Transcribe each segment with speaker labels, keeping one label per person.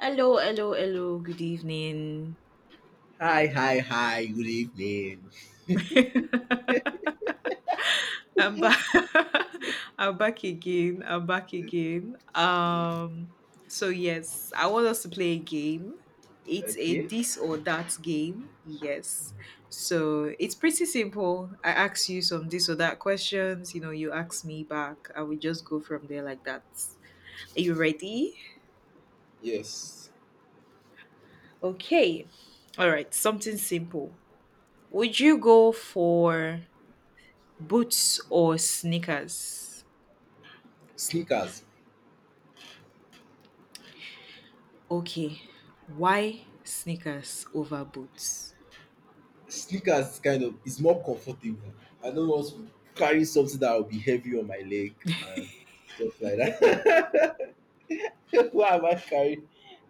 Speaker 1: Hello, hello, hello. Good evening.
Speaker 2: Hi, hi, hi, good evening.
Speaker 1: I'm back. I'm back again. I'm back again. So yes, I want us to play a game. It's a
Speaker 2: Okay,
Speaker 1: this or that game. Yes. So it's pretty simple. I ask you some this or that questions. You ask me back, and we just go from there like that. Are you ready?
Speaker 2: yes.
Speaker 1: Okay. All right. Something simple. Would you go for boots or sneakers?
Speaker 2: Sneakers.
Speaker 1: Okay. Why sneakers over boots?
Speaker 2: Sneakers kind of is more comfortable. I don't want to carry something that will be heavy on my leg and stuff like that. why am I carrying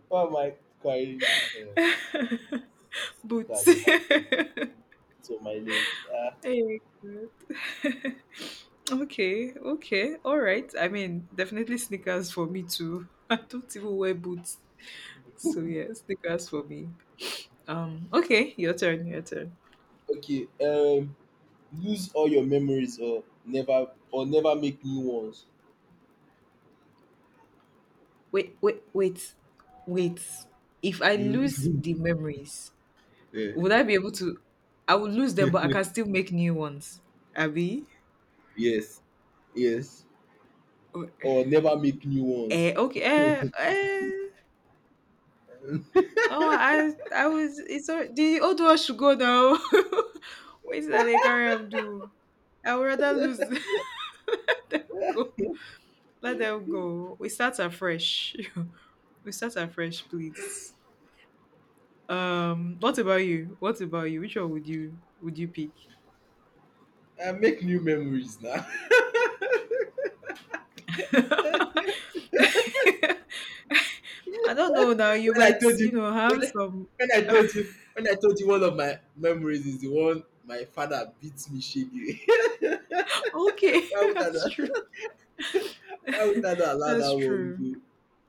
Speaker 2: why am I carrying uh,
Speaker 1: Boots.
Speaker 2: sneakers on my leg? It's on my leg. Ah,
Speaker 1: Hey, God. Okay, okay, all right. I mean, definitely sneakers for me too. I don't even wear boots. So yeah, sneakers for me. Okay, your turn, your turn.
Speaker 2: okay. Lose all your memories or never make new ones.
Speaker 1: Wait, wait, wait, wait. If I lose
Speaker 2: Mm.
Speaker 1: the memories,
Speaker 2: yeah.
Speaker 1: would I be able to I would lose them, but I can still make new ones. Abby?
Speaker 2: Yes. Yes. Or never make new ones.
Speaker 1: Eh, okay, eh, eh. No, I was. It's all, the old one should go now. What is that they carry am do? I would rather lose. Go, let them go. We start afresh. We start afresh, please. What about you? What about you? Which one would you pick?
Speaker 2: I make new memories now.
Speaker 1: I
Speaker 2: when
Speaker 1: don't know. Now you
Speaker 2: I
Speaker 1: might,
Speaker 2: told
Speaker 1: you
Speaker 2: you,
Speaker 1: know,
Speaker 2: when,
Speaker 1: have some.
Speaker 2: when I told you, one of my memories is the one my father beats me shaggy.
Speaker 1: Okay,
Speaker 2: why would I
Speaker 1: that's
Speaker 2: not,
Speaker 1: true.
Speaker 2: why would I not allow
Speaker 1: That's
Speaker 2: that one
Speaker 1: true.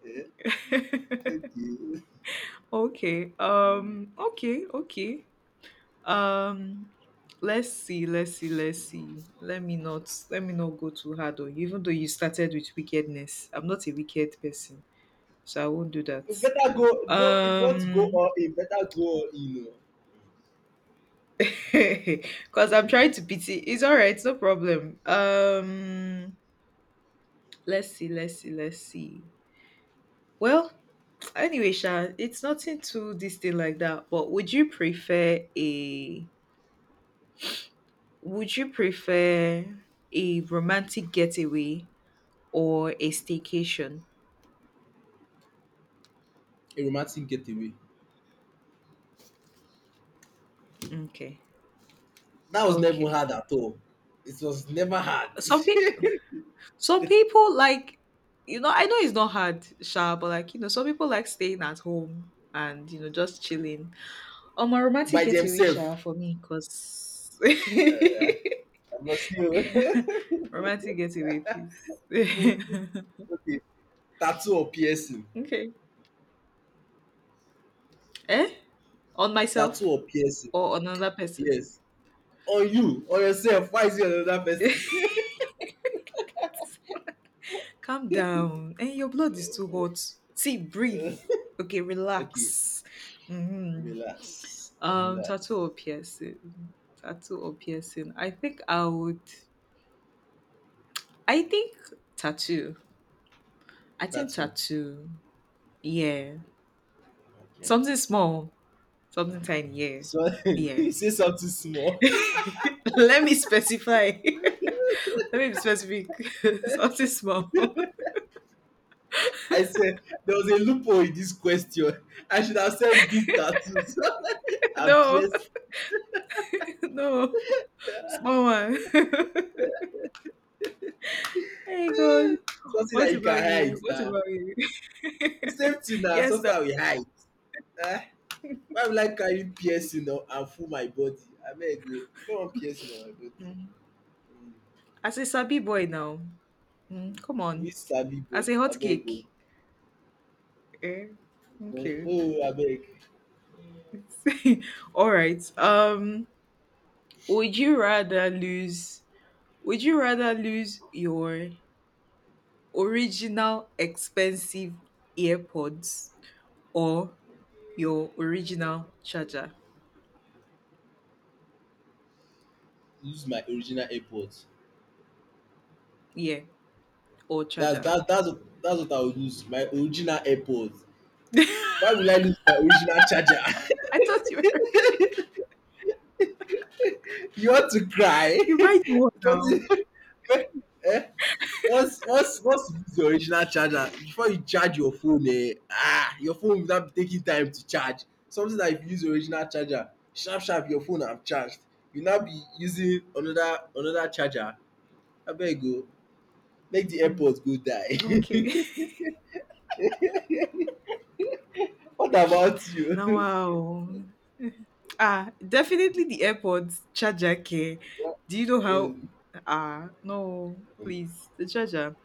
Speaker 2: go? Eh? Okay.
Speaker 1: Okay.
Speaker 2: Mm.
Speaker 1: Okay. Okay. Um. Let's see. Let's see. Let's see. Let me not. Let me not go too hard on you. Even though you started with wickedness, I'm not a wicked person, so I won't do that.
Speaker 2: You better go, if you want to go
Speaker 1: Um.
Speaker 2: all in, better go all in. You know.
Speaker 1: Because I'm trying to pity. It's all right. No problem. Let's see. Let's see. Let's see. Well, anyway, Sha, it's nothing too this thing like that. But would you prefer a would you prefer a romantic getaway or a staycation?
Speaker 2: A romantic getaway.
Speaker 1: Okay.
Speaker 2: That was never
Speaker 1: Okay.
Speaker 2: hard at all. It was never hard.
Speaker 1: Some people some people like you know, I know it's not hard, Sha, but like, you know, some people like staying at home and, you know, just chilling. Oh, my romantic
Speaker 2: By
Speaker 1: getaway, Sha,
Speaker 2: themselves.
Speaker 1: for me, because
Speaker 2: Uh, I must see you.
Speaker 1: romantic getaway, please.
Speaker 2: Okay, tattoo or piercing?
Speaker 1: Okay. Eh? On
Speaker 2: Tattoo
Speaker 1: myself
Speaker 2: or piercing?
Speaker 1: or on another person?
Speaker 2: Yes, on yourself. Why is it on another person?
Speaker 1: Calm down. And your blood is too hot. See, breathe. Okay,
Speaker 2: Okay,
Speaker 1: relax. Hmm.
Speaker 2: relax,
Speaker 1: Tattoo
Speaker 2: relax.
Speaker 1: or piercing? Tattoo or piercing? I think I would. I think tattoo. I think
Speaker 2: Tattoo.
Speaker 1: tattoo. Yeah,
Speaker 2: Okay,
Speaker 1: something small, something tiny. Yeah,
Speaker 2: so
Speaker 1: yeah.
Speaker 2: you say something small.
Speaker 1: Let me specify. Let me be specific. Something small.
Speaker 2: I said there was a loophole in this question. I should have said big tattoos and
Speaker 1: No,
Speaker 2: piercing.
Speaker 1: no, small one. Hey God.
Speaker 2: Eh, something
Speaker 1: What
Speaker 2: that you
Speaker 1: about
Speaker 2: can
Speaker 1: you?
Speaker 2: hide
Speaker 1: What
Speaker 2: na.
Speaker 1: about you?
Speaker 2: The same thing na,
Speaker 1: Yes, no.
Speaker 2: something I will hide. Eh, why will I carry piercing on and full my body? Abeg o, I no wan piercing on my body.
Speaker 1: Mm. As a sabi boy now, mm, come on.
Speaker 2: Dis sabi boy
Speaker 1: As a hot
Speaker 2: abeg o,
Speaker 1: cake. Eh?
Speaker 2: no,
Speaker 1: Okay.
Speaker 2: no o, abeg.
Speaker 1: All right. Would you rather lose? Would you rather lose your original expensive earpods or your original charger?
Speaker 2: Use my original airpod.
Speaker 1: Yeah, or
Speaker 2: Dats
Speaker 1: charger.
Speaker 2: dats dats dats what I will use, my original airpod. Why will I lose my original charger?
Speaker 1: I thought you were
Speaker 2: You want to cry?
Speaker 1: you buy the one now.
Speaker 2: um once you lose your original charger, before you charge your phone, your phone will now be taking time to charge. Something dat if you use original charger, sharp sharp your phone am charged. You now be using another charger, abeg o. Make the
Speaker 1: Mm,
Speaker 2: airport go
Speaker 1: okay.
Speaker 2: die. What about
Speaker 1: Now,
Speaker 2: you?
Speaker 1: wow. Ah, definitely the airport charger care. Do you know how?
Speaker 2: Mm,
Speaker 1: Ah, no,
Speaker 2: mm.
Speaker 1: please. The charger.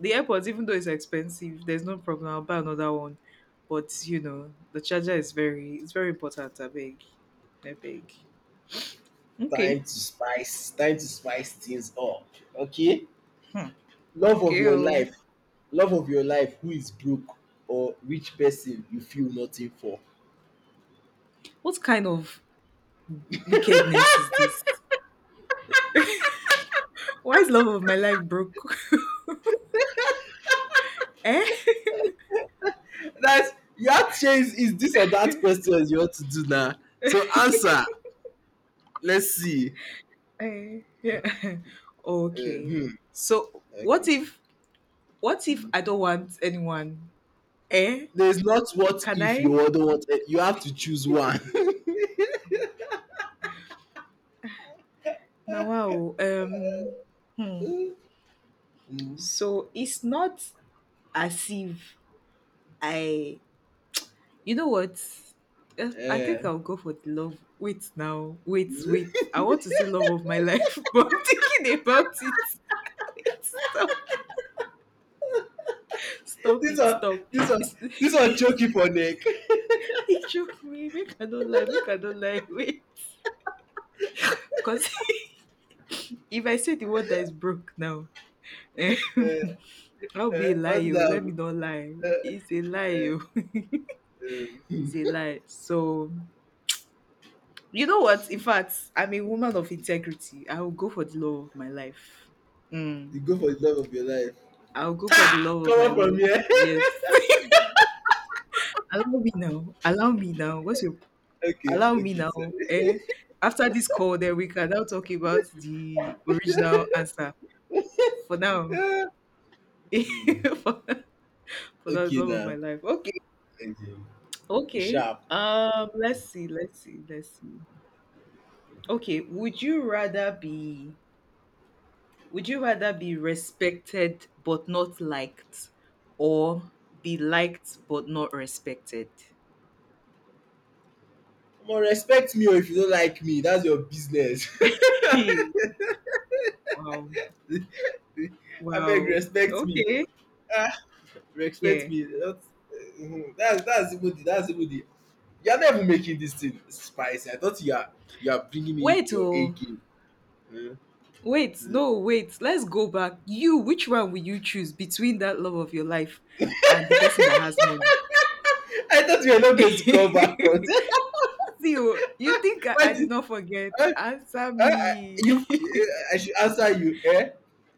Speaker 1: The airport, even though it's expensive, there's no problem. I'll buy another one. But you know, the charger is very, it's very important. I beg, I beg. Okay.
Speaker 2: time to spice things up. Okay,
Speaker 1: Hmm.
Speaker 2: love of
Speaker 1: Okay.
Speaker 2: your
Speaker 1: Oh.
Speaker 2: life, love of your life. Who is broke or rich person you feel nothing for?
Speaker 1: What kind of wickedness is this? Why is love of my life broke? Eh?
Speaker 2: That's you have to change. Is this or that question you want to do now? So answer. Let's see.
Speaker 1: Eh, yeah. Okay.
Speaker 2: Hmm.
Speaker 1: So what
Speaker 2: Okay.
Speaker 1: if what if I don't want anyone? Eh?
Speaker 2: There's not what
Speaker 1: Can
Speaker 2: if you
Speaker 1: I?
Speaker 2: don't want. Eh, you have to choose one.
Speaker 1: Now, wow. Hmm.
Speaker 2: Mm.
Speaker 1: So it's not as if I. You know what? Eh, I think
Speaker 2: Eh.
Speaker 1: I'll go for the love. Wait now. Wait, wait. I want to say love of my life, but I'm thinking about it. Wait, stop. Stop
Speaker 2: this
Speaker 1: it.
Speaker 2: one,
Speaker 1: Stop.
Speaker 2: this one,
Speaker 1: It's,
Speaker 2: this one choke you for neck.
Speaker 1: it joke me. Make I don't lie. Make I don't lie. Wait. Because if I say the word that is broke now, eh,
Speaker 2: Uh,
Speaker 1: I'll be a lie
Speaker 2: what
Speaker 1: o let me
Speaker 2: the?
Speaker 1: not lie it's a lie o
Speaker 2: Uh,
Speaker 1: it's a lie so you know what in fact I'm a woman of integrity I will go for the love of my life. Mm.
Speaker 2: you go for the love of your life.
Speaker 1: I'll go for the
Speaker 2: Ta!
Speaker 1: love of my
Speaker 2: Come on from
Speaker 1: life
Speaker 2: here.
Speaker 1: yes. Allow me now allow me now what's your
Speaker 2: Okay,
Speaker 1: allow me
Speaker 2: okay, sorry.
Speaker 1: now eh after this call then we can now talk about the original answer for now
Speaker 2: Hmm.
Speaker 1: for, for now, the
Speaker 2: Okay
Speaker 1: love of my
Speaker 2: now.
Speaker 1: life. Okay.
Speaker 2: Okay, okay,
Speaker 1: Okay
Speaker 2: sharp.
Speaker 1: let's see let's see let's see. Okay, would you rather be would you rather be respected but not liked or be liked but not respected?
Speaker 2: Come on, respect me, or if you don't like me, that's your business.
Speaker 1: Hey, wow.
Speaker 2: I beg,
Speaker 1: Wow.
Speaker 2: respect me.
Speaker 1: Okay.
Speaker 2: Ah, respect
Speaker 1: Yeah.
Speaker 2: me. That's, mhm, that's even the. You are never making this thing spicy. I thought you are bringing me
Speaker 1: Wait,
Speaker 2: your A
Speaker 1: oh.
Speaker 2: game. Hmm,
Speaker 1: Wait,
Speaker 2: hmm.
Speaker 1: no, wait. Let's go back. You, which one will you choose between that love of your life and the person that has money?
Speaker 2: I thought you were not going to come back from
Speaker 1: See,
Speaker 2: that.
Speaker 1: oh, you think I,
Speaker 2: Why
Speaker 1: I did
Speaker 2: did
Speaker 1: not forget?
Speaker 2: uh,
Speaker 1: Answer
Speaker 2: uh, uh, you?
Speaker 1: me.
Speaker 2: I should answer you. Eh?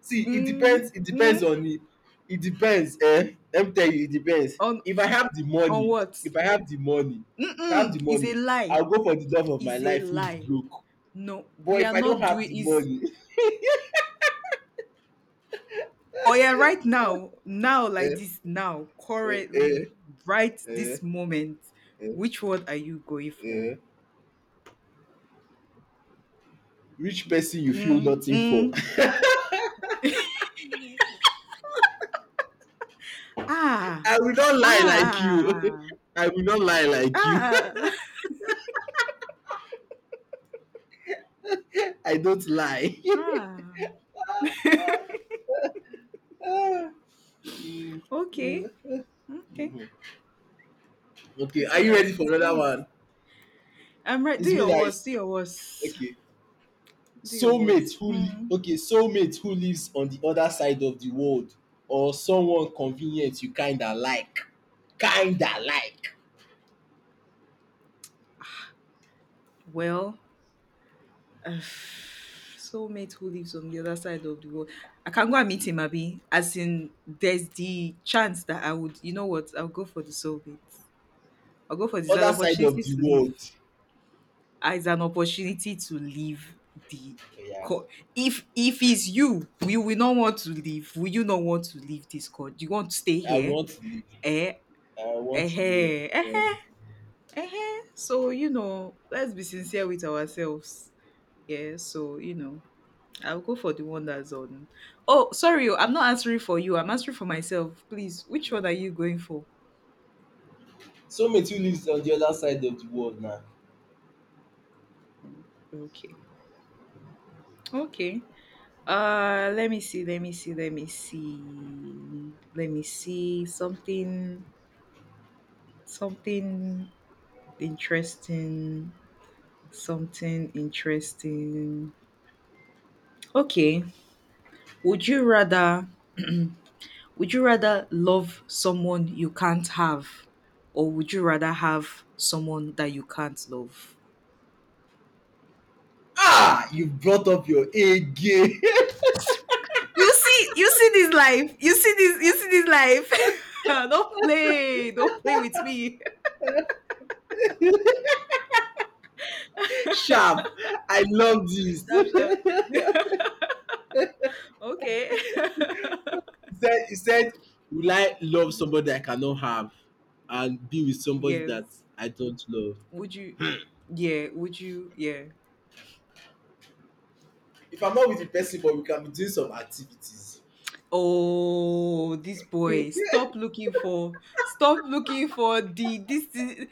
Speaker 2: See, it
Speaker 1: Mm,
Speaker 2: depends. It
Speaker 1: mm.
Speaker 2: depends on me. It depends. Eh? Let me tell you, it depends.
Speaker 1: on
Speaker 2: If I have the
Speaker 1: On
Speaker 2: money,
Speaker 1: what?
Speaker 2: if I have the money, If I have the
Speaker 1: Mm-mm, is a
Speaker 2: money, I'll
Speaker 1: lie.
Speaker 2: go for the love of my
Speaker 1: Is a
Speaker 2: life who is
Speaker 1: lie.
Speaker 2: broke.
Speaker 1: No,
Speaker 2: But
Speaker 1: we are
Speaker 2: if I don't
Speaker 1: not
Speaker 2: have
Speaker 1: doing
Speaker 2: the
Speaker 1: is
Speaker 2: money,
Speaker 1: oh yeah, right now, now like
Speaker 2: eh,
Speaker 1: this, now,
Speaker 2: eh,
Speaker 1: currently,
Speaker 2: eh,
Speaker 1: right this
Speaker 2: eh,
Speaker 1: moment.
Speaker 2: eh,
Speaker 1: Which word are you going for?
Speaker 2: eh, which person you feel
Speaker 1: Mm,
Speaker 2: nothing for?
Speaker 1: mm, ah,
Speaker 2: I will not lie like you.
Speaker 1: ah,
Speaker 2: I will not lie like you.
Speaker 1: ah,
Speaker 2: I don't lie.
Speaker 1: ah.
Speaker 2: Mm, mm,
Speaker 1: Okay, okay,
Speaker 2: mhm. Okay,
Speaker 1: it's
Speaker 2: are
Speaker 1: all
Speaker 2: you ready
Speaker 1: right.
Speaker 2: for
Speaker 1: Who
Speaker 2: another
Speaker 1: is?
Speaker 2: one?
Speaker 1: I'm right. Do
Speaker 2: It's me
Speaker 1: your
Speaker 2: that is
Speaker 1: worst. Do your worst.
Speaker 2: okay.
Speaker 1: Do your worst. Hmm.
Speaker 2: Soulmate who lives on the other side of the world, or someone convenient you kinda like. Kinda like.
Speaker 1: Well, uh, soulmate who lives on the other side of the world. I can go and meet him, Abby. As in, there's the chance that I would, you know what, I'll go for the soulmate. I'll go for this. An
Speaker 2: Other side of
Speaker 1: opportunity
Speaker 2: the
Speaker 1: to live.
Speaker 2: world.
Speaker 1: Ah, it's an opportunity to leave the.
Speaker 2: Yeah.
Speaker 1: Co- if it's you, you will not want to leave. Will you not want to leave this court? You want to stay
Speaker 2: I
Speaker 1: here?
Speaker 2: want to live.
Speaker 1: Eh?
Speaker 2: I want
Speaker 1: Eh?
Speaker 2: to live.
Speaker 1: Eh?
Speaker 2: Yeah.
Speaker 1: Eh? Eh, eh. So you know, let's be sincere with ourselves. Yeah. So you know. I'll go for the one that's on. Oh, sorry, oh, I'm not answering for you. I'm answering for myself. Please, which one are you going for?
Speaker 2: Soulmate who lives on the other side of the world now.
Speaker 1: Hmm, okay. Okay. Let me see. Let me see. Let me see. Let me see something. Something interesting. Something interesting. Okay. Would you rather? Would you rather love someone you can't have, or would you rather have someone that you can't love?
Speaker 2: Ah, you brought up your A game.
Speaker 1: You see this life. You see this. You see this life. Don't play. Don't play with me.
Speaker 2: Sharp. I love this.
Speaker 1: Sharp, sharp. Okay.
Speaker 2: He said, will I love somebody I cannot have and be with somebody
Speaker 1: Yes.
Speaker 2: that I don't love?
Speaker 1: Would you? Yeah. Would you? Yeah.
Speaker 2: If I'm not with the person, but we can be doing some activities.
Speaker 1: Oh, this boy. Stop looking for. Stop looking for the this. Thi-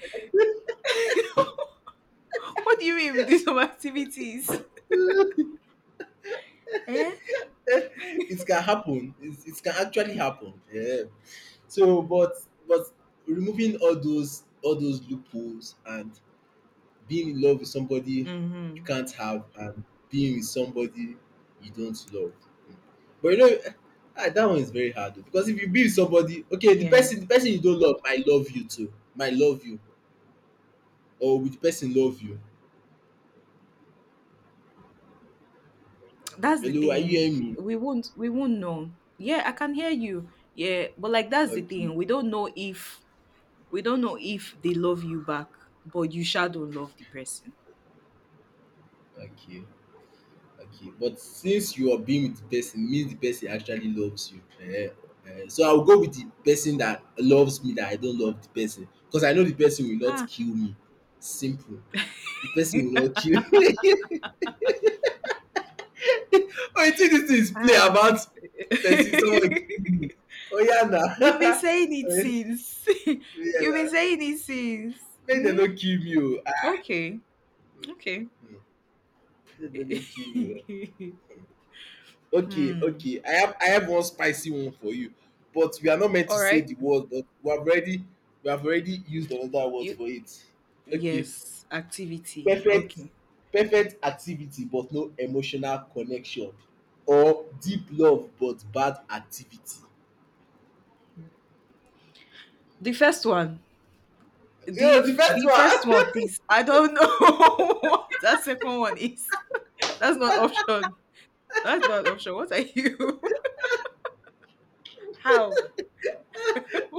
Speaker 1: what do you mean with these some activities? Eh.
Speaker 2: It can happen. It can actually happen, yeah. So,
Speaker 1: Mm.
Speaker 2: but removing all those loopholes, and being in love with somebody you
Speaker 1: Hmm.
Speaker 2: can't have, and being with somebody you don't love. But, that one is very hard though, because if you be with somebody, okay,
Speaker 1: Yeah.
Speaker 2: the person you don't love might love you too, might love you, or will the person love you?
Speaker 1: That's the
Speaker 2: Hello, are you
Speaker 1: thing
Speaker 2: hearing me?
Speaker 1: we won't know yeah I can hear you yeah but like that's the
Speaker 2: Okay,
Speaker 1: thing we don't know if we don't know if they love you back but you sure don't love the person.
Speaker 2: okay, okay. But since you are being with the person, means the person actually loves you. Eh, eh. So I will go with the person that loves me, that I don't love the person, because I know the person will not
Speaker 1: Ah,
Speaker 2: kill me. Simple. The person will not kill. Oh, you think this is play
Speaker 1: ah.
Speaker 2: about person someone kill me? Oh, oya na.
Speaker 1: You've been saying it since
Speaker 2: Yeah,
Speaker 1: you've
Speaker 2: na,
Speaker 1: been saying it since
Speaker 2: make dem
Speaker 1: mm?
Speaker 2: not kill me o, ah,
Speaker 1: Okay, okay.
Speaker 2: make dem no kill me o. Okay,
Speaker 1: Hmm.
Speaker 2: okay, I have one spicy one for you, but we are not meant
Speaker 1: All
Speaker 2: to say
Speaker 1: right.
Speaker 2: the word, but we have already used another word
Speaker 1: You
Speaker 2: for it. Okay,
Speaker 1: yes activity
Speaker 2: perfect.
Speaker 1: okay
Speaker 2: Perfect activity but no emotional connection, or deep love but bad activity.
Speaker 1: the first one. The
Speaker 2: Yo, the
Speaker 1: f-
Speaker 2: best
Speaker 1: the first
Speaker 2: one.
Speaker 1: one, please. I don't know what that second one is. That's not option. That's not option. What are you? How?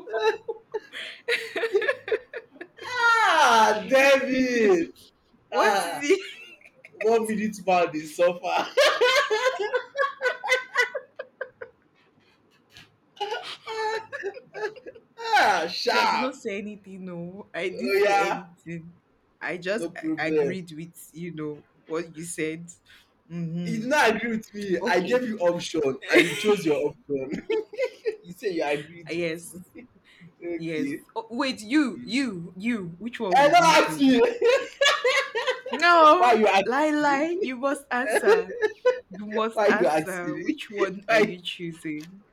Speaker 2: Ah, damn it!
Speaker 1: What is
Speaker 2: Ah,
Speaker 1: it?
Speaker 2: one minute man dey suffer.
Speaker 1: See, I did not
Speaker 2: Sharp.
Speaker 1: say anything. No, I didn't
Speaker 2: Oh
Speaker 1: say
Speaker 2: yeah,
Speaker 1: anything. I just
Speaker 2: no
Speaker 1: a-
Speaker 2: problem.
Speaker 1: agreed with you know what you said.
Speaker 2: You
Speaker 1: Mm-hmm.
Speaker 2: did not agree with me. I gave
Speaker 1: Okay.
Speaker 2: you option and you chose your option. You say you agreed
Speaker 1: Yes.
Speaker 2: with me.
Speaker 1: Yes.
Speaker 2: okay.
Speaker 1: Oh, wait, you. Which one
Speaker 2: I
Speaker 1: would you
Speaker 2: don't ask
Speaker 1: choose?
Speaker 2: me. Why
Speaker 1: No,
Speaker 2: you ask
Speaker 1: lie, lie.
Speaker 2: me?
Speaker 1: You must answer. You must
Speaker 2: Why you ask
Speaker 1: answer.
Speaker 2: me?
Speaker 1: Which one are
Speaker 2: Why?
Speaker 1: you choosing?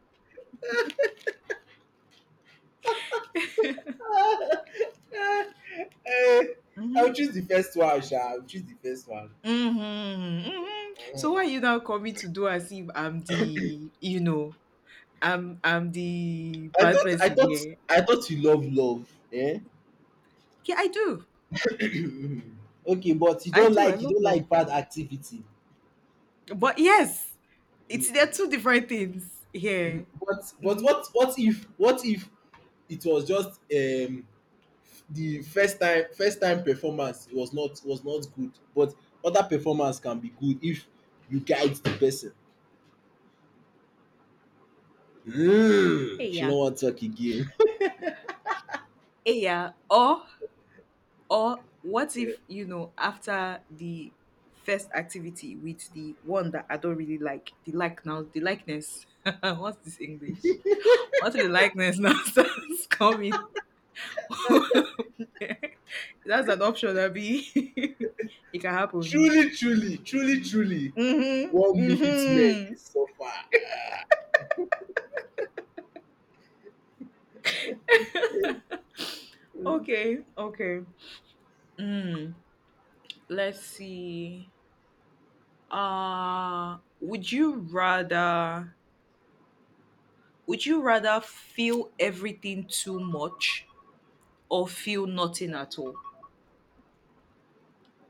Speaker 2: Eh, I will
Speaker 1: Hmm.
Speaker 2: choose the first one, Sha. I will choose the first one.
Speaker 1: Hmm. Hmm. So
Speaker 2: Mhm.
Speaker 1: why are you now coming to do as if I'm the, you know, I'm the bad person here?
Speaker 2: I thought you love love. Eh?
Speaker 1: Yeah, I do.
Speaker 2: Okay, but
Speaker 1: I do. I
Speaker 2: you
Speaker 1: love
Speaker 2: don't like
Speaker 1: love.
Speaker 2: bad activity.
Speaker 1: But yes, it's they're
Speaker 2: Mhm.
Speaker 1: two different things here.
Speaker 2: But
Speaker 1: Hmm.
Speaker 2: what if it was just the first time performance was not good, but other performance can be good if you guide the person. Mm.
Speaker 1: Hey,
Speaker 2: She
Speaker 1: yeah.
Speaker 2: no wan talk again.
Speaker 1: Hey, yeah. Or what if, you know, after the first activity with the one that I don't really like, the like now, the likeness. What's this English? What if the likeness now starts coming? That's an option, Abby. It can happen.
Speaker 2: Truly, truly, truly, truly,
Speaker 1: Mm-hmm.
Speaker 2: one minute men
Speaker 1: Mm-hmm.
Speaker 2: dey suffer.
Speaker 1: Okay. Okay. Mm. Let's see. Would you rather would you rather feel everything too much or feel nothing at all?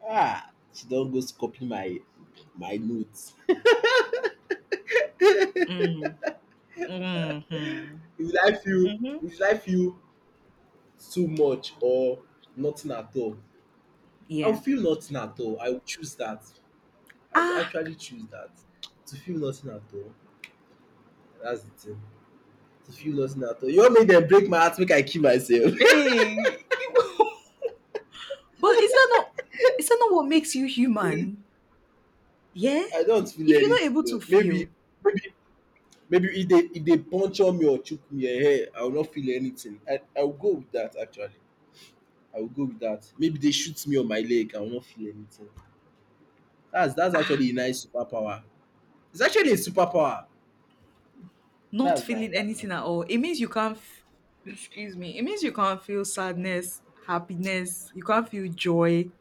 Speaker 2: Ah! She don go copy my notes.
Speaker 1: Mm. Mhm.
Speaker 2: If did I feel
Speaker 1: Mhm.
Speaker 2: if did I feel too much or nothing at all? I will
Speaker 1: Yeah.
Speaker 2: feel nothing at all. I will choose that. I will
Speaker 1: Ah.
Speaker 2: actually choose that. To feel nothing at all, that's the thing. To feel nothing at all. You wan make them break my heart, make I kill myself?
Speaker 1: Hey. But is that not what makes you human? Yeah?
Speaker 2: I don't feel
Speaker 1: If you're not
Speaker 2: anything
Speaker 1: able to
Speaker 2: oo.
Speaker 1: feel,
Speaker 2: Maybe Maybe if dey puncture me or choke me ehen, I will not feel anything. I will go with that, actually. I will go with that. Maybe they shoot me on my leg, I will not feel anything. That's
Speaker 1: ah,
Speaker 2: actually a nice superpower. It's actually a superpower.
Speaker 1: not
Speaker 2: That's nice.
Speaker 1: feeling
Speaker 2: That's nice.
Speaker 1: anything at all, it means you can't f- excuse me. It means you can't feel sadness, happiness, you can't feel joy.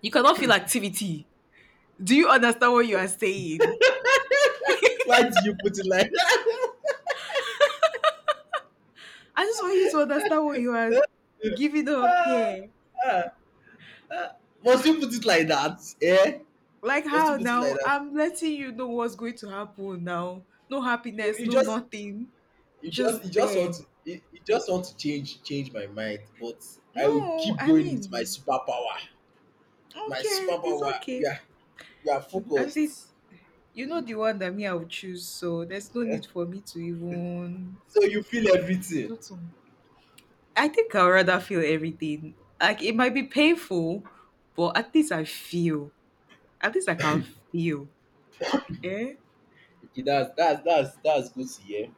Speaker 1: You cannot feel activity. Do you understand what you are saying?
Speaker 2: Why do you put it like that?
Speaker 1: I just want you to understand what you are giving up
Speaker 2: Ah,
Speaker 1: here.
Speaker 2: ah, ah. Must you put it like that? Eh?
Speaker 1: Like
Speaker 2: Must
Speaker 1: how
Speaker 2: you put it like
Speaker 1: now?
Speaker 2: that?
Speaker 1: I'm letting you know what's going to happen now. No happiness,
Speaker 2: You
Speaker 1: no
Speaker 2: just
Speaker 1: nothing. Just
Speaker 2: want
Speaker 1: there.
Speaker 2: to you just want to change my mind, but I will
Speaker 1: No,
Speaker 2: keep
Speaker 1: I
Speaker 2: going with my
Speaker 1: mean,
Speaker 2: superpower. My
Speaker 1: okay,
Speaker 2: superpower.
Speaker 1: it's okay.
Speaker 2: We are
Speaker 1: At least
Speaker 2: focused.
Speaker 1: you know
Speaker 2: Mm.
Speaker 1: the one that me I would choose, so there's no need for me to even
Speaker 2: So you feel
Speaker 1: to
Speaker 2: everything.
Speaker 1: do some. I think I'd rather feel everything. Like it might be painful, but at least I feel. At least I can feel. Eh?
Speaker 2: Okay, that's good to hear.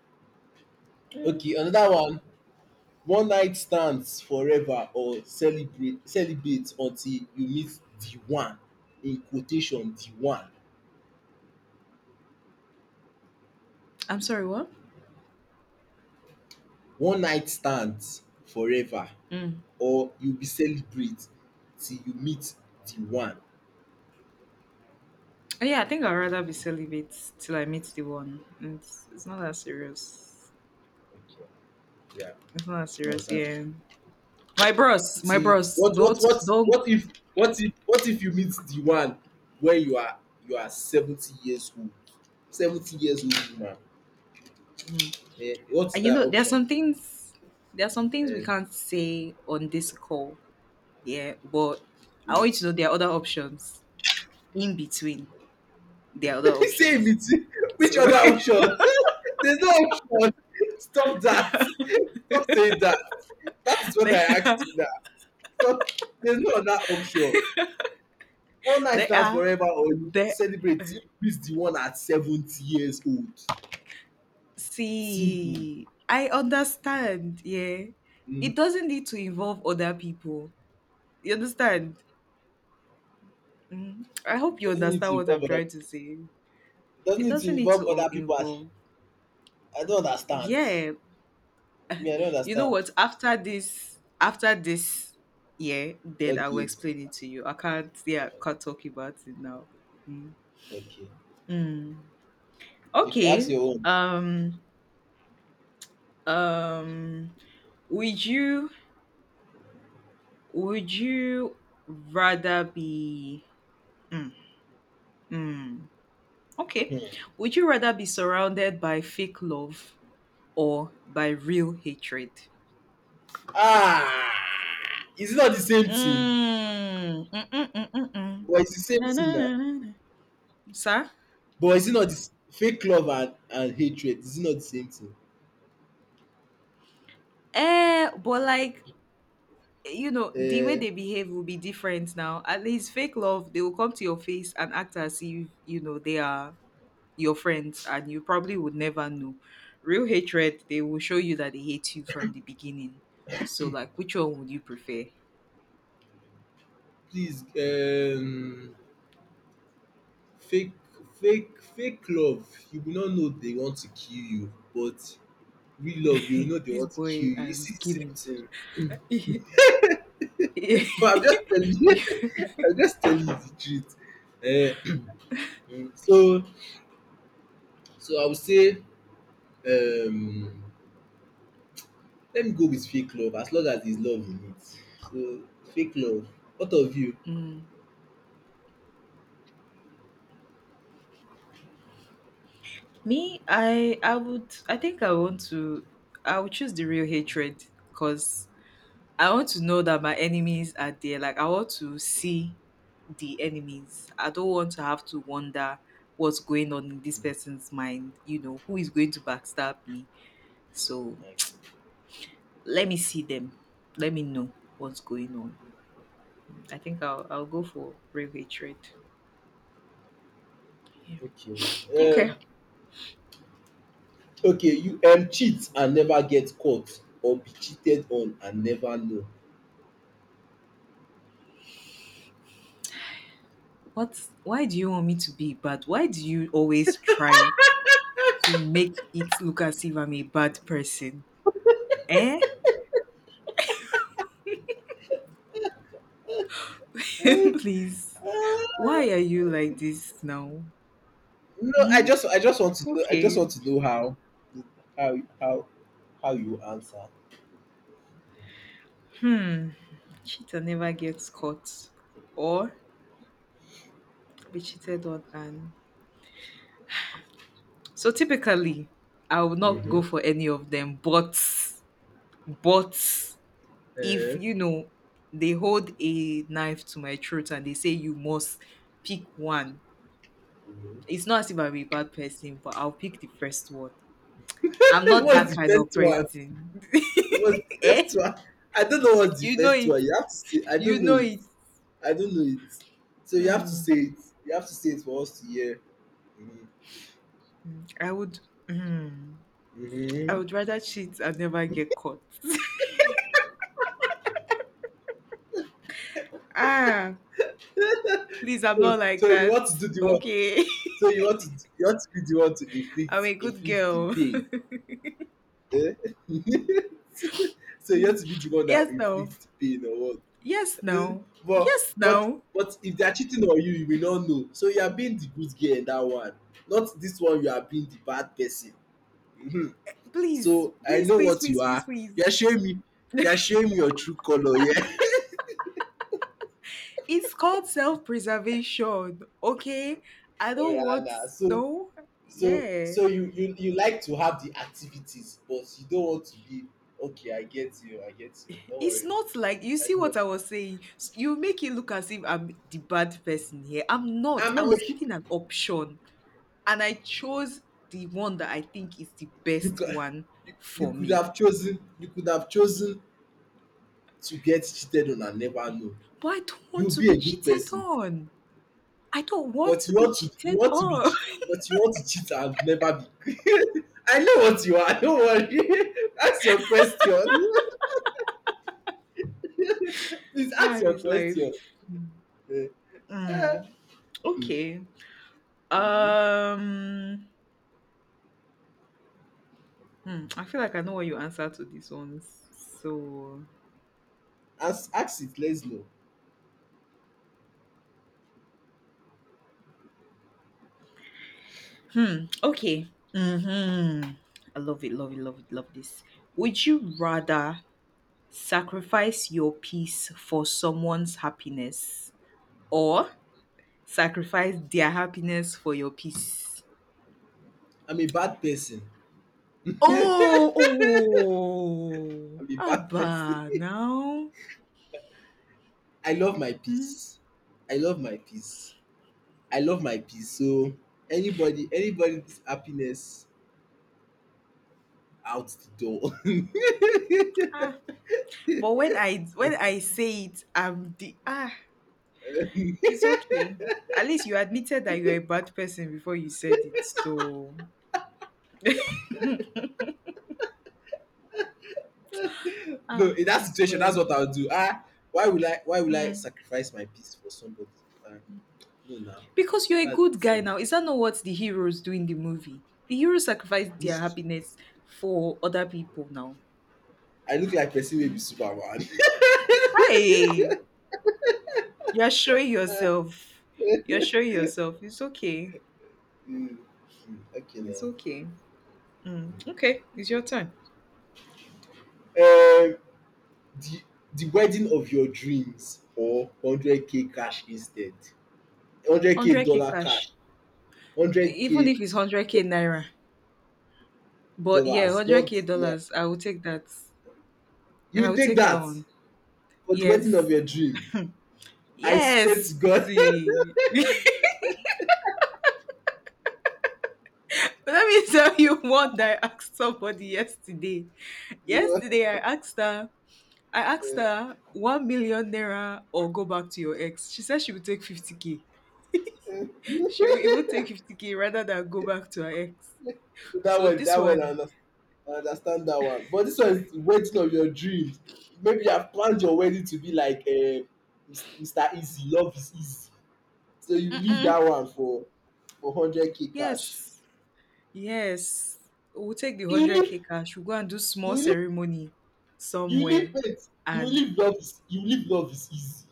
Speaker 1: Mm.
Speaker 2: Okay, another one. One night stands forever or celebrate celibate until you meet the one, in quotation, the one.
Speaker 1: I'm sorry, what?
Speaker 2: One night stands forever,
Speaker 1: Mm.
Speaker 2: or you be celebrate till you meet the one.
Speaker 1: Yeah, I think I'd rather be celibate till I meet the one. It's not that serious.
Speaker 2: Okay, yeah,
Speaker 1: It's not that
Speaker 2: no,
Speaker 1: serious,
Speaker 2: that's.
Speaker 1: yeah. My bros, my
Speaker 2: See,
Speaker 1: bros, don't don't
Speaker 2: what if what if you meet the one when you are 70 years old 70 years old woman? Eh, what is
Speaker 1: and you
Speaker 2: that
Speaker 1: know there's
Speaker 2: option?
Speaker 1: some things there's some things we
Speaker 2: Eh.
Speaker 1: can't say on this call, yeah, but I want you to know there are other options. In between, there are other
Speaker 2: You say,
Speaker 1: options.
Speaker 2: which
Speaker 1: So
Speaker 2: other option? There's no option. Stop that, stop saying that. That is what I
Speaker 1: there are
Speaker 2: asked you now. Stop. There's no other option. All night
Speaker 1: there
Speaker 2: stands
Speaker 1: are
Speaker 2: forever, or
Speaker 1: there
Speaker 2: celebrating till the one at 70 years old. Simple.
Speaker 1: see I understand, yeah. It
Speaker 2: Mm.
Speaker 1: doesn't need to involve other people. You understand? Mm, I hope you
Speaker 2: it doesn't need
Speaker 1: understand
Speaker 2: to
Speaker 1: what
Speaker 2: involve
Speaker 1: I'm
Speaker 2: other
Speaker 1: trying to
Speaker 2: people
Speaker 1: say.
Speaker 2: it doesn't
Speaker 1: It
Speaker 2: need to
Speaker 1: doesn't need
Speaker 2: involve
Speaker 1: to all
Speaker 2: other people, as
Speaker 1: involve.
Speaker 2: I don't understand.
Speaker 1: Yeah.
Speaker 2: Me, I don't
Speaker 1: You know
Speaker 2: understand.
Speaker 1: what? Yeah, then I will
Speaker 2: Okay,
Speaker 1: explain it to you. I can't, yeah, can't talk about it now. Mm.
Speaker 2: okay,
Speaker 1: Mm.
Speaker 2: okay, ask
Speaker 1: Okay.
Speaker 2: your own.
Speaker 1: Um. Um. Would you? Would you rather be? Mm, mm. Okay. Would you rather be surrounded by fake love or by real hatred?
Speaker 2: Ah, is it not the same thing?
Speaker 1: Mm, mm, mm, mm, mm, mm.
Speaker 2: But it's the same
Speaker 1: Na,
Speaker 2: thing
Speaker 1: na,
Speaker 2: na.
Speaker 1: na, na, na. Sir?
Speaker 2: But is it not, this fake love and hatred, is it not the same thing?
Speaker 1: But like, you know, the way
Speaker 2: Uh,
Speaker 1: they behave will be different now. At least fake love, they will come to your face and act as if, you know, they are your friends and you probably would never know. Real hatred, they will show you that they hate you from the beginning. So, like, which one would you prefer?
Speaker 2: Please, fake fake love, you will not know they want to kill you, but real love you go know they
Speaker 1: this
Speaker 2: want to kill
Speaker 1: boy
Speaker 2: you. It's
Speaker 1: and
Speaker 2: the same
Speaker 1: killing.
Speaker 2: thing? So I'm just telling you,
Speaker 1: Yeah.
Speaker 2: I'm just telling you the truth. um So so I would say, um let me go with fake love, as long as there is love in it. So, fake love. What of you?
Speaker 1: mm. Me, I would I think I want to I would choose the real hatred because I want to know that my enemies are there. Like I want to see the enemies. I don't want to have to wonder what's going on in this person's mind, you know, who is going to backstab me. So
Speaker 2: Okay.
Speaker 1: let me see them. Let me know what's going on. I think I'll go for real hatred. Yeah.
Speaker 2: Okay.
Speaker 1: Okay.
Speaker 2: Um, okay, you cheat and never get caught or be cheated on and never know.
Speaker 1: What why do you want me to be bad? Why do you always try to make it look as if I'm a bad person. Eh?
Speaker 2: Um,
Speaker 1: Please.
Speaker 2: uh,
Speaker 1: Why are you like this now?
Speaker 2: no, I
Speaker 1: Hmm?
Speaker 2: just I just want to know,
Speaker 1: Okay.
Speaker 2: how how how you answer.
Speaker 1: Hmm. Cheater never gets caught or be cheated on. And so typically, I will not
Speaker 2: Mm-hmm.
Speaker 1: go for any of them. But if
Speaker 2: Uh,
Speaker 1: you know, they hold a knife to my throat and they say you must pick one. It's not as if I'm a bad person, but I'll pick the first one. I'm not that
Speaker 2: what's the
Speaker 1: kind of
Speaker 2: first one?
Speaker 1: person.
Speaker 2: What's the
Speaker 1: Eh?
Speaker 2: first one? I don't know what's the
Speaker 1: You know
Speaker 2: first
Speaker 1: it.
Speaker 2: one. You have to say I
Speaker 1: You
Speaker 2: don't know
Speaker 1: know
Speaker 2: it.
Speaker 1: it.
Speaker 2: I don't know it. So you have to say
Speaker 1: Hmm.
Speaker 2: it. You have to say it for us to hear. Mm-hmm.
Speaker 1: I would. Hmm. I
Speaker 2: Mm-hmm.
Speaker 1: would rather cheat and never get caught. ah, please, I'm not
Speaker 2: So,
Speaker 1: like
Speaker 2: so you
Speaker 1: that.
Speaker 2: want to do the one.
Speaker 1: Okay,
Speaker 2: So you want to be the one to
Speaker 1: I'm a good
Speaker 2: inflict the
Speaker 1: girl.
Speaker 2: pain. Eh? So you
Speaker 1: Mm.
Speaker 2: want to be the one that
Speaker 1: yes, no.
Speaker 2: inflict pain or what?
Speaker 1: Yes,
Speaker 2: Eh,
Speaker 1: no.
Speaker 2: But
Speaker 1: Yes,
Speaker 2: but
Speaker 1: no.
Speaker 2: but if they are cheating on you, you will not know. So you are being the good girl in that one. Not this one. You are being the bad person. Mhm.
Speaker 1: Please,
Speaker 2: So I
Speaker 1: please,
Speaker 2: know
Speaker 1: please,
Speaker 2: what
Speaker 1: please,
Speaker 2: you
Speaker 1: please,
Speaker 2: are.
Speaker 1: please.
Speaker 2: You are showing me. You are showing me your true color. Yeah.
Speaker 1: It's called self-preservation. Okay, I
Speaker 2: Oh,
Speaker 1: don't
Speaker 2: yeah,
Speaker 1: want
Speaker 2: nah. So
Speaker 1: no.
Speaker 2: So
Speaker 1: Yeah.
Speaker 2: so you like to have the activities, but you don't want to be. Okay, I get you, don't
Speaker 1: It's
Speaker 2: worry.
Speaker 1: not like you
Speaker 2: I
Speaker 1: see
Speaker 2: know,
Speaker 1: what I was saying. S- You make it look as if I'm the bad person here. I'm not.
Speaker 2: I'm
Speaker 1: I
Speaker 2: not
Speaker 1: was
Speaker 2: making
Speaker 1: given an option and I chose the one that I think is the
Speaker 2: you
Speaker 1: best
Speaker 2: cou
Speaker 1: one
Speaker 2: you
Speaker 1: for
Speaker 2: could
Speaker 1: me.
Speaker 2: have chosen, to get cheated on and never know.
Speaker 1: But I don't want
Speaker 2: You'll
Speaker 1: to
Speaker 2: be
Speaker 1: be
Speaker 2: a good
Speaker 1: cheated
Speaker 2: person,
Speaker 1: on. I don't want
Speaker 2: but
Speaker 1: to be
Speaker 2: you
Speaker 1: cheated
Speaker 2: want to be
Speaker 1: on.
Speaker 2: chea but you want to cheat and never be. I know what you are, don't worry. Ask your question. Please ask
Speaker 1: And
Speaker 2: your
Speaker 1: it's like,
Speaker 2: question. um um
Speaker 1: mm, okay.
Speaker 2: mhm
Speaker 1: Um, hmm, I feel like I know what you answer to these ones. So
Speaker 2: ask it, let's know.
Speaker 1: Hmm. Okay. Mm-hmm. I love it. Love it. Love it. Love this. Would you rather sacrifice your peace for someone's happiness or sacrifice their happiness for your peace?
Speaker 2: I'm a bad person.
Speaker 1: Oh, oh,
Speaker 2: I'm a bad person.
Speaker 1: Abba, now.
Speaker 2: I love my peace. I love my peace. I love my peace. So anybody, anybody's happiness out the door.
Speaker 1: Ah, but when I say it, I'm the ah. It's okay. At least you admitted that you're a bad person before you said it. So
Speaker 2: No,
Speaker 1: ah,
Speaker 2: in that
Speaker 1: it's
Speaker 2: situation, that's
Speaker 1: well.
Speaker 2: what I'll do. Ah, Why will I
Speaker 1: Hmm.
Speaker 2: sacrifice my peace for somebody? Ah, no, now
Speaker 1: Because you're a good
Speaker 2: that's the
Speaker 1: guy
Speaker 2: thing.
Speaker 1: now. Is that not what the heroes do in the movie? The heroes sacrifice their
Speaker 2: Mis-
Speaker 1: happiness for other people now.
Speaker 2: I look like person wey be
Speaker 1: Mm.
Speaker 2: Superman.
Speaker 1: Hi, you're showing yourself. You're showing yourself. It's okay.
Speaker 2: mm, okay
Speaker 1: It's
Speaker 2: now.
Speaker 1: okay. Mm. Okay, it's your time.
Speaker 2: Um, the the wedding of your dreams, or 100K cash instead? 100K
Speaker 1: 100K
Speaker 2: dollar
Speaker 1: cash.
Speaker 2: cash.
Speaker 1: Even
Speaker 2: 100K
Speaker 1: if it's 100K naira. But yeah,
Speaker 2: dollars, not
Speaker 1: 100K
Speaker 2: like
Speaker 1: dollars. I will take that. I
Speaker 2: you
Speaker 1: will
Speaker 2: take
Speaker 1: take that
Speaker 2: that
Speaker 1: one.
Speaker 2: for the wedding
Speaker 1: Yes.
Speaker 2: of your dream. I swear to
Speaker 1: Yes.
Speaker 2: God.
Speaker 1: See. But let me tell you one that I asked somebody yesterday.
Speaker 2: You
Speaker 1: Yesterday
Speaker 2: know,
Speaker 1: I asked her, I asked
Speaker 2: eh.
Speaker 1: her 1 million naira or go back to your ex. She said she would take 50K. She will even take 50K rather than go back to her ex.
Speaker 2: that
Speaker 1: So
Speaker 2: one
Speaker 1: this
Speaker 2: that one i
Speaker 1: one,
Speaker 2: understand i understand that one, but this one is wedding of your dreams. Maybe you have planned your wedding to be like, Mr. Easy, love is easy. So you leave
Speaker 1: mm-mm,
Speaker 2: that one for 100K cash.
Speaker 1: yes, yes. We'll take the
Speaker 2: you
Speaker 1: 100K
Speaker 2: leave
Speaker 1: cash. We'll go and do small
Speaker 2: you leave
Speaker 1: ceremony
Speaker 2: you
Speaker 1: somewhere.
Speaker 2: leave it.
Speaker 1: And
Speaker 2: You leave, love is easy.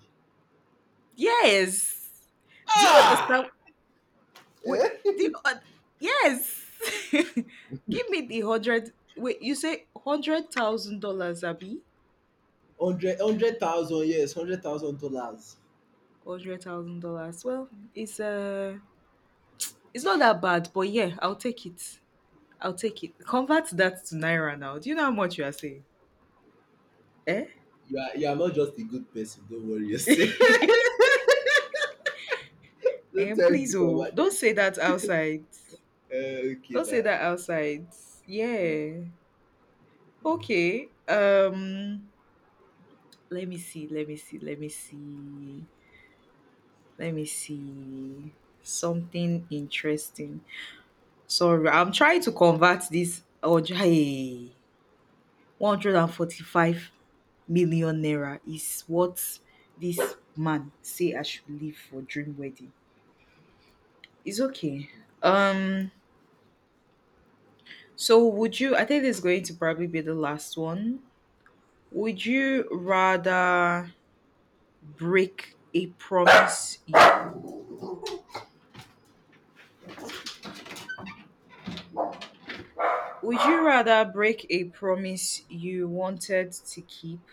Speaker 1: yes, do you understand?
Speaker 2: Ah!
Speaker 1: Wait, the,
Speaker 2: Eh?
Speaker 1: yes. Give me the hundred. Wait, you say $100,000, Abby?
Speaker 2: Hundred thousand, yes, $100,000.
Speaker 1: $100,000. Well, it's uh, it's not that bad, but yeah, I'll take it. I'll take it. Convert that to naira now. Do you know how much you are saying? Eh?
Speaker 2: You are not just a good person. Don't worry yourself. Don't
Speaker 1: And
Speaker 2: try
Speaker 1: please,
Speaker 2: to come
Speaker 1: oh,
Speaker 2: at
Speaker 1: don't
Speaker 2: it.
Speaker 1: say that outside.
Speaker 2: Okay,
Speaker 1: Don't say
Speaker 2: da.
Speaker 1: that outside.
Speaker 2: Mm.
Speaker 1: Yeah. Okay. Let me see. Let me see. Let me see. Let me see. Something interesting. Sorry, I'm trying to convert this. Oh, hey, 145 million naira is what this man say I should leave for dream wedding. It's okay. Um, so would you? I think this is going to probably be the last one. Would you rather break a promise? Would you rather break a promise you wanted to keep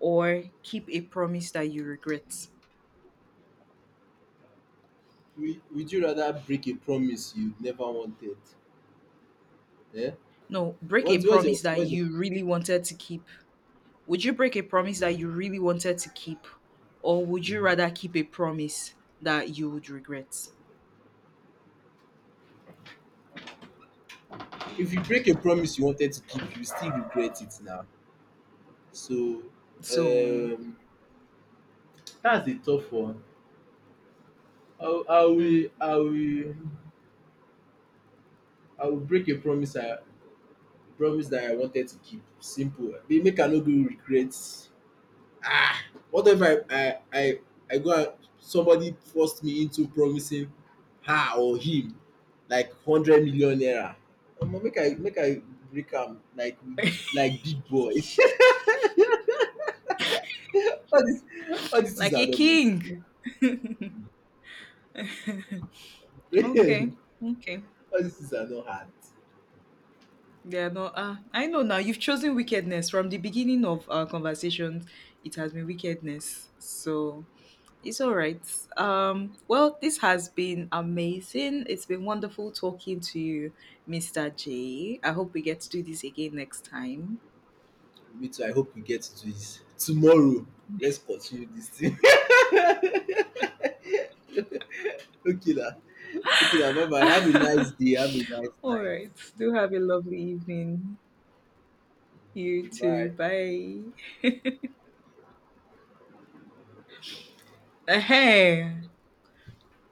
Speaker 1: or keep a promise that you regret?
Speaker 2: Would you rather break a promise you never wanted? Eh?
Speaker 1: No, break a
Speaker 2: What what's your
Speaker 1: promise that
Speaker 2: what's your,
Speaker 1: you really wanted to keep. Would you break a promise that you really wanted to keep, or would you
Speaker 2: Mhm.
Speaker 1: rather keep a promise that you would regret?
Speaker 2: If you break a promise you wanted to keep, you still regret it now. So,
Speaker 1: So,
Speaker 2: um, that's a tough one. I will I will
Speaker 1: mm,
Speaker 2: I will I will break a promise I promise that I wanted to keep. Simple. Make I no do regret. Ah, what if I go and somebody forced me into promising her or him like 100 million naira. Omo, make I break am like big boy. all dis all dis things
Speaker 1: like
Speaker 2: are
Speaker 1: a
Speaker 2: not meant to
Speaker 1: king.
Speaker 2: be.
Speaker 1: Okay, okay.
Speaker 2: All dis things are not hard.
Speaker 1: Yeah, no, I know now. You've chosen wickedness from the beginning of our conversations. It has been wickedness. So, It's all right. Well, this has been amazing. It's been wonderful talking to you, Mr. J. I hope we get to do this again next time.
Speaker 2: Me too, I hope we get to this tomorrow. Let's continue this thing. Okay lah. Okay lah. Bye, bye, have a nice day, have a nice
Speaker 1: all
Speaker 2: night.
Speaker 1: right. Do have a lovely evening. You
Speaker 2: Okay,
Speaker 1: too.
Speaker 2: bye.
Speaker 1: Bye. Hey.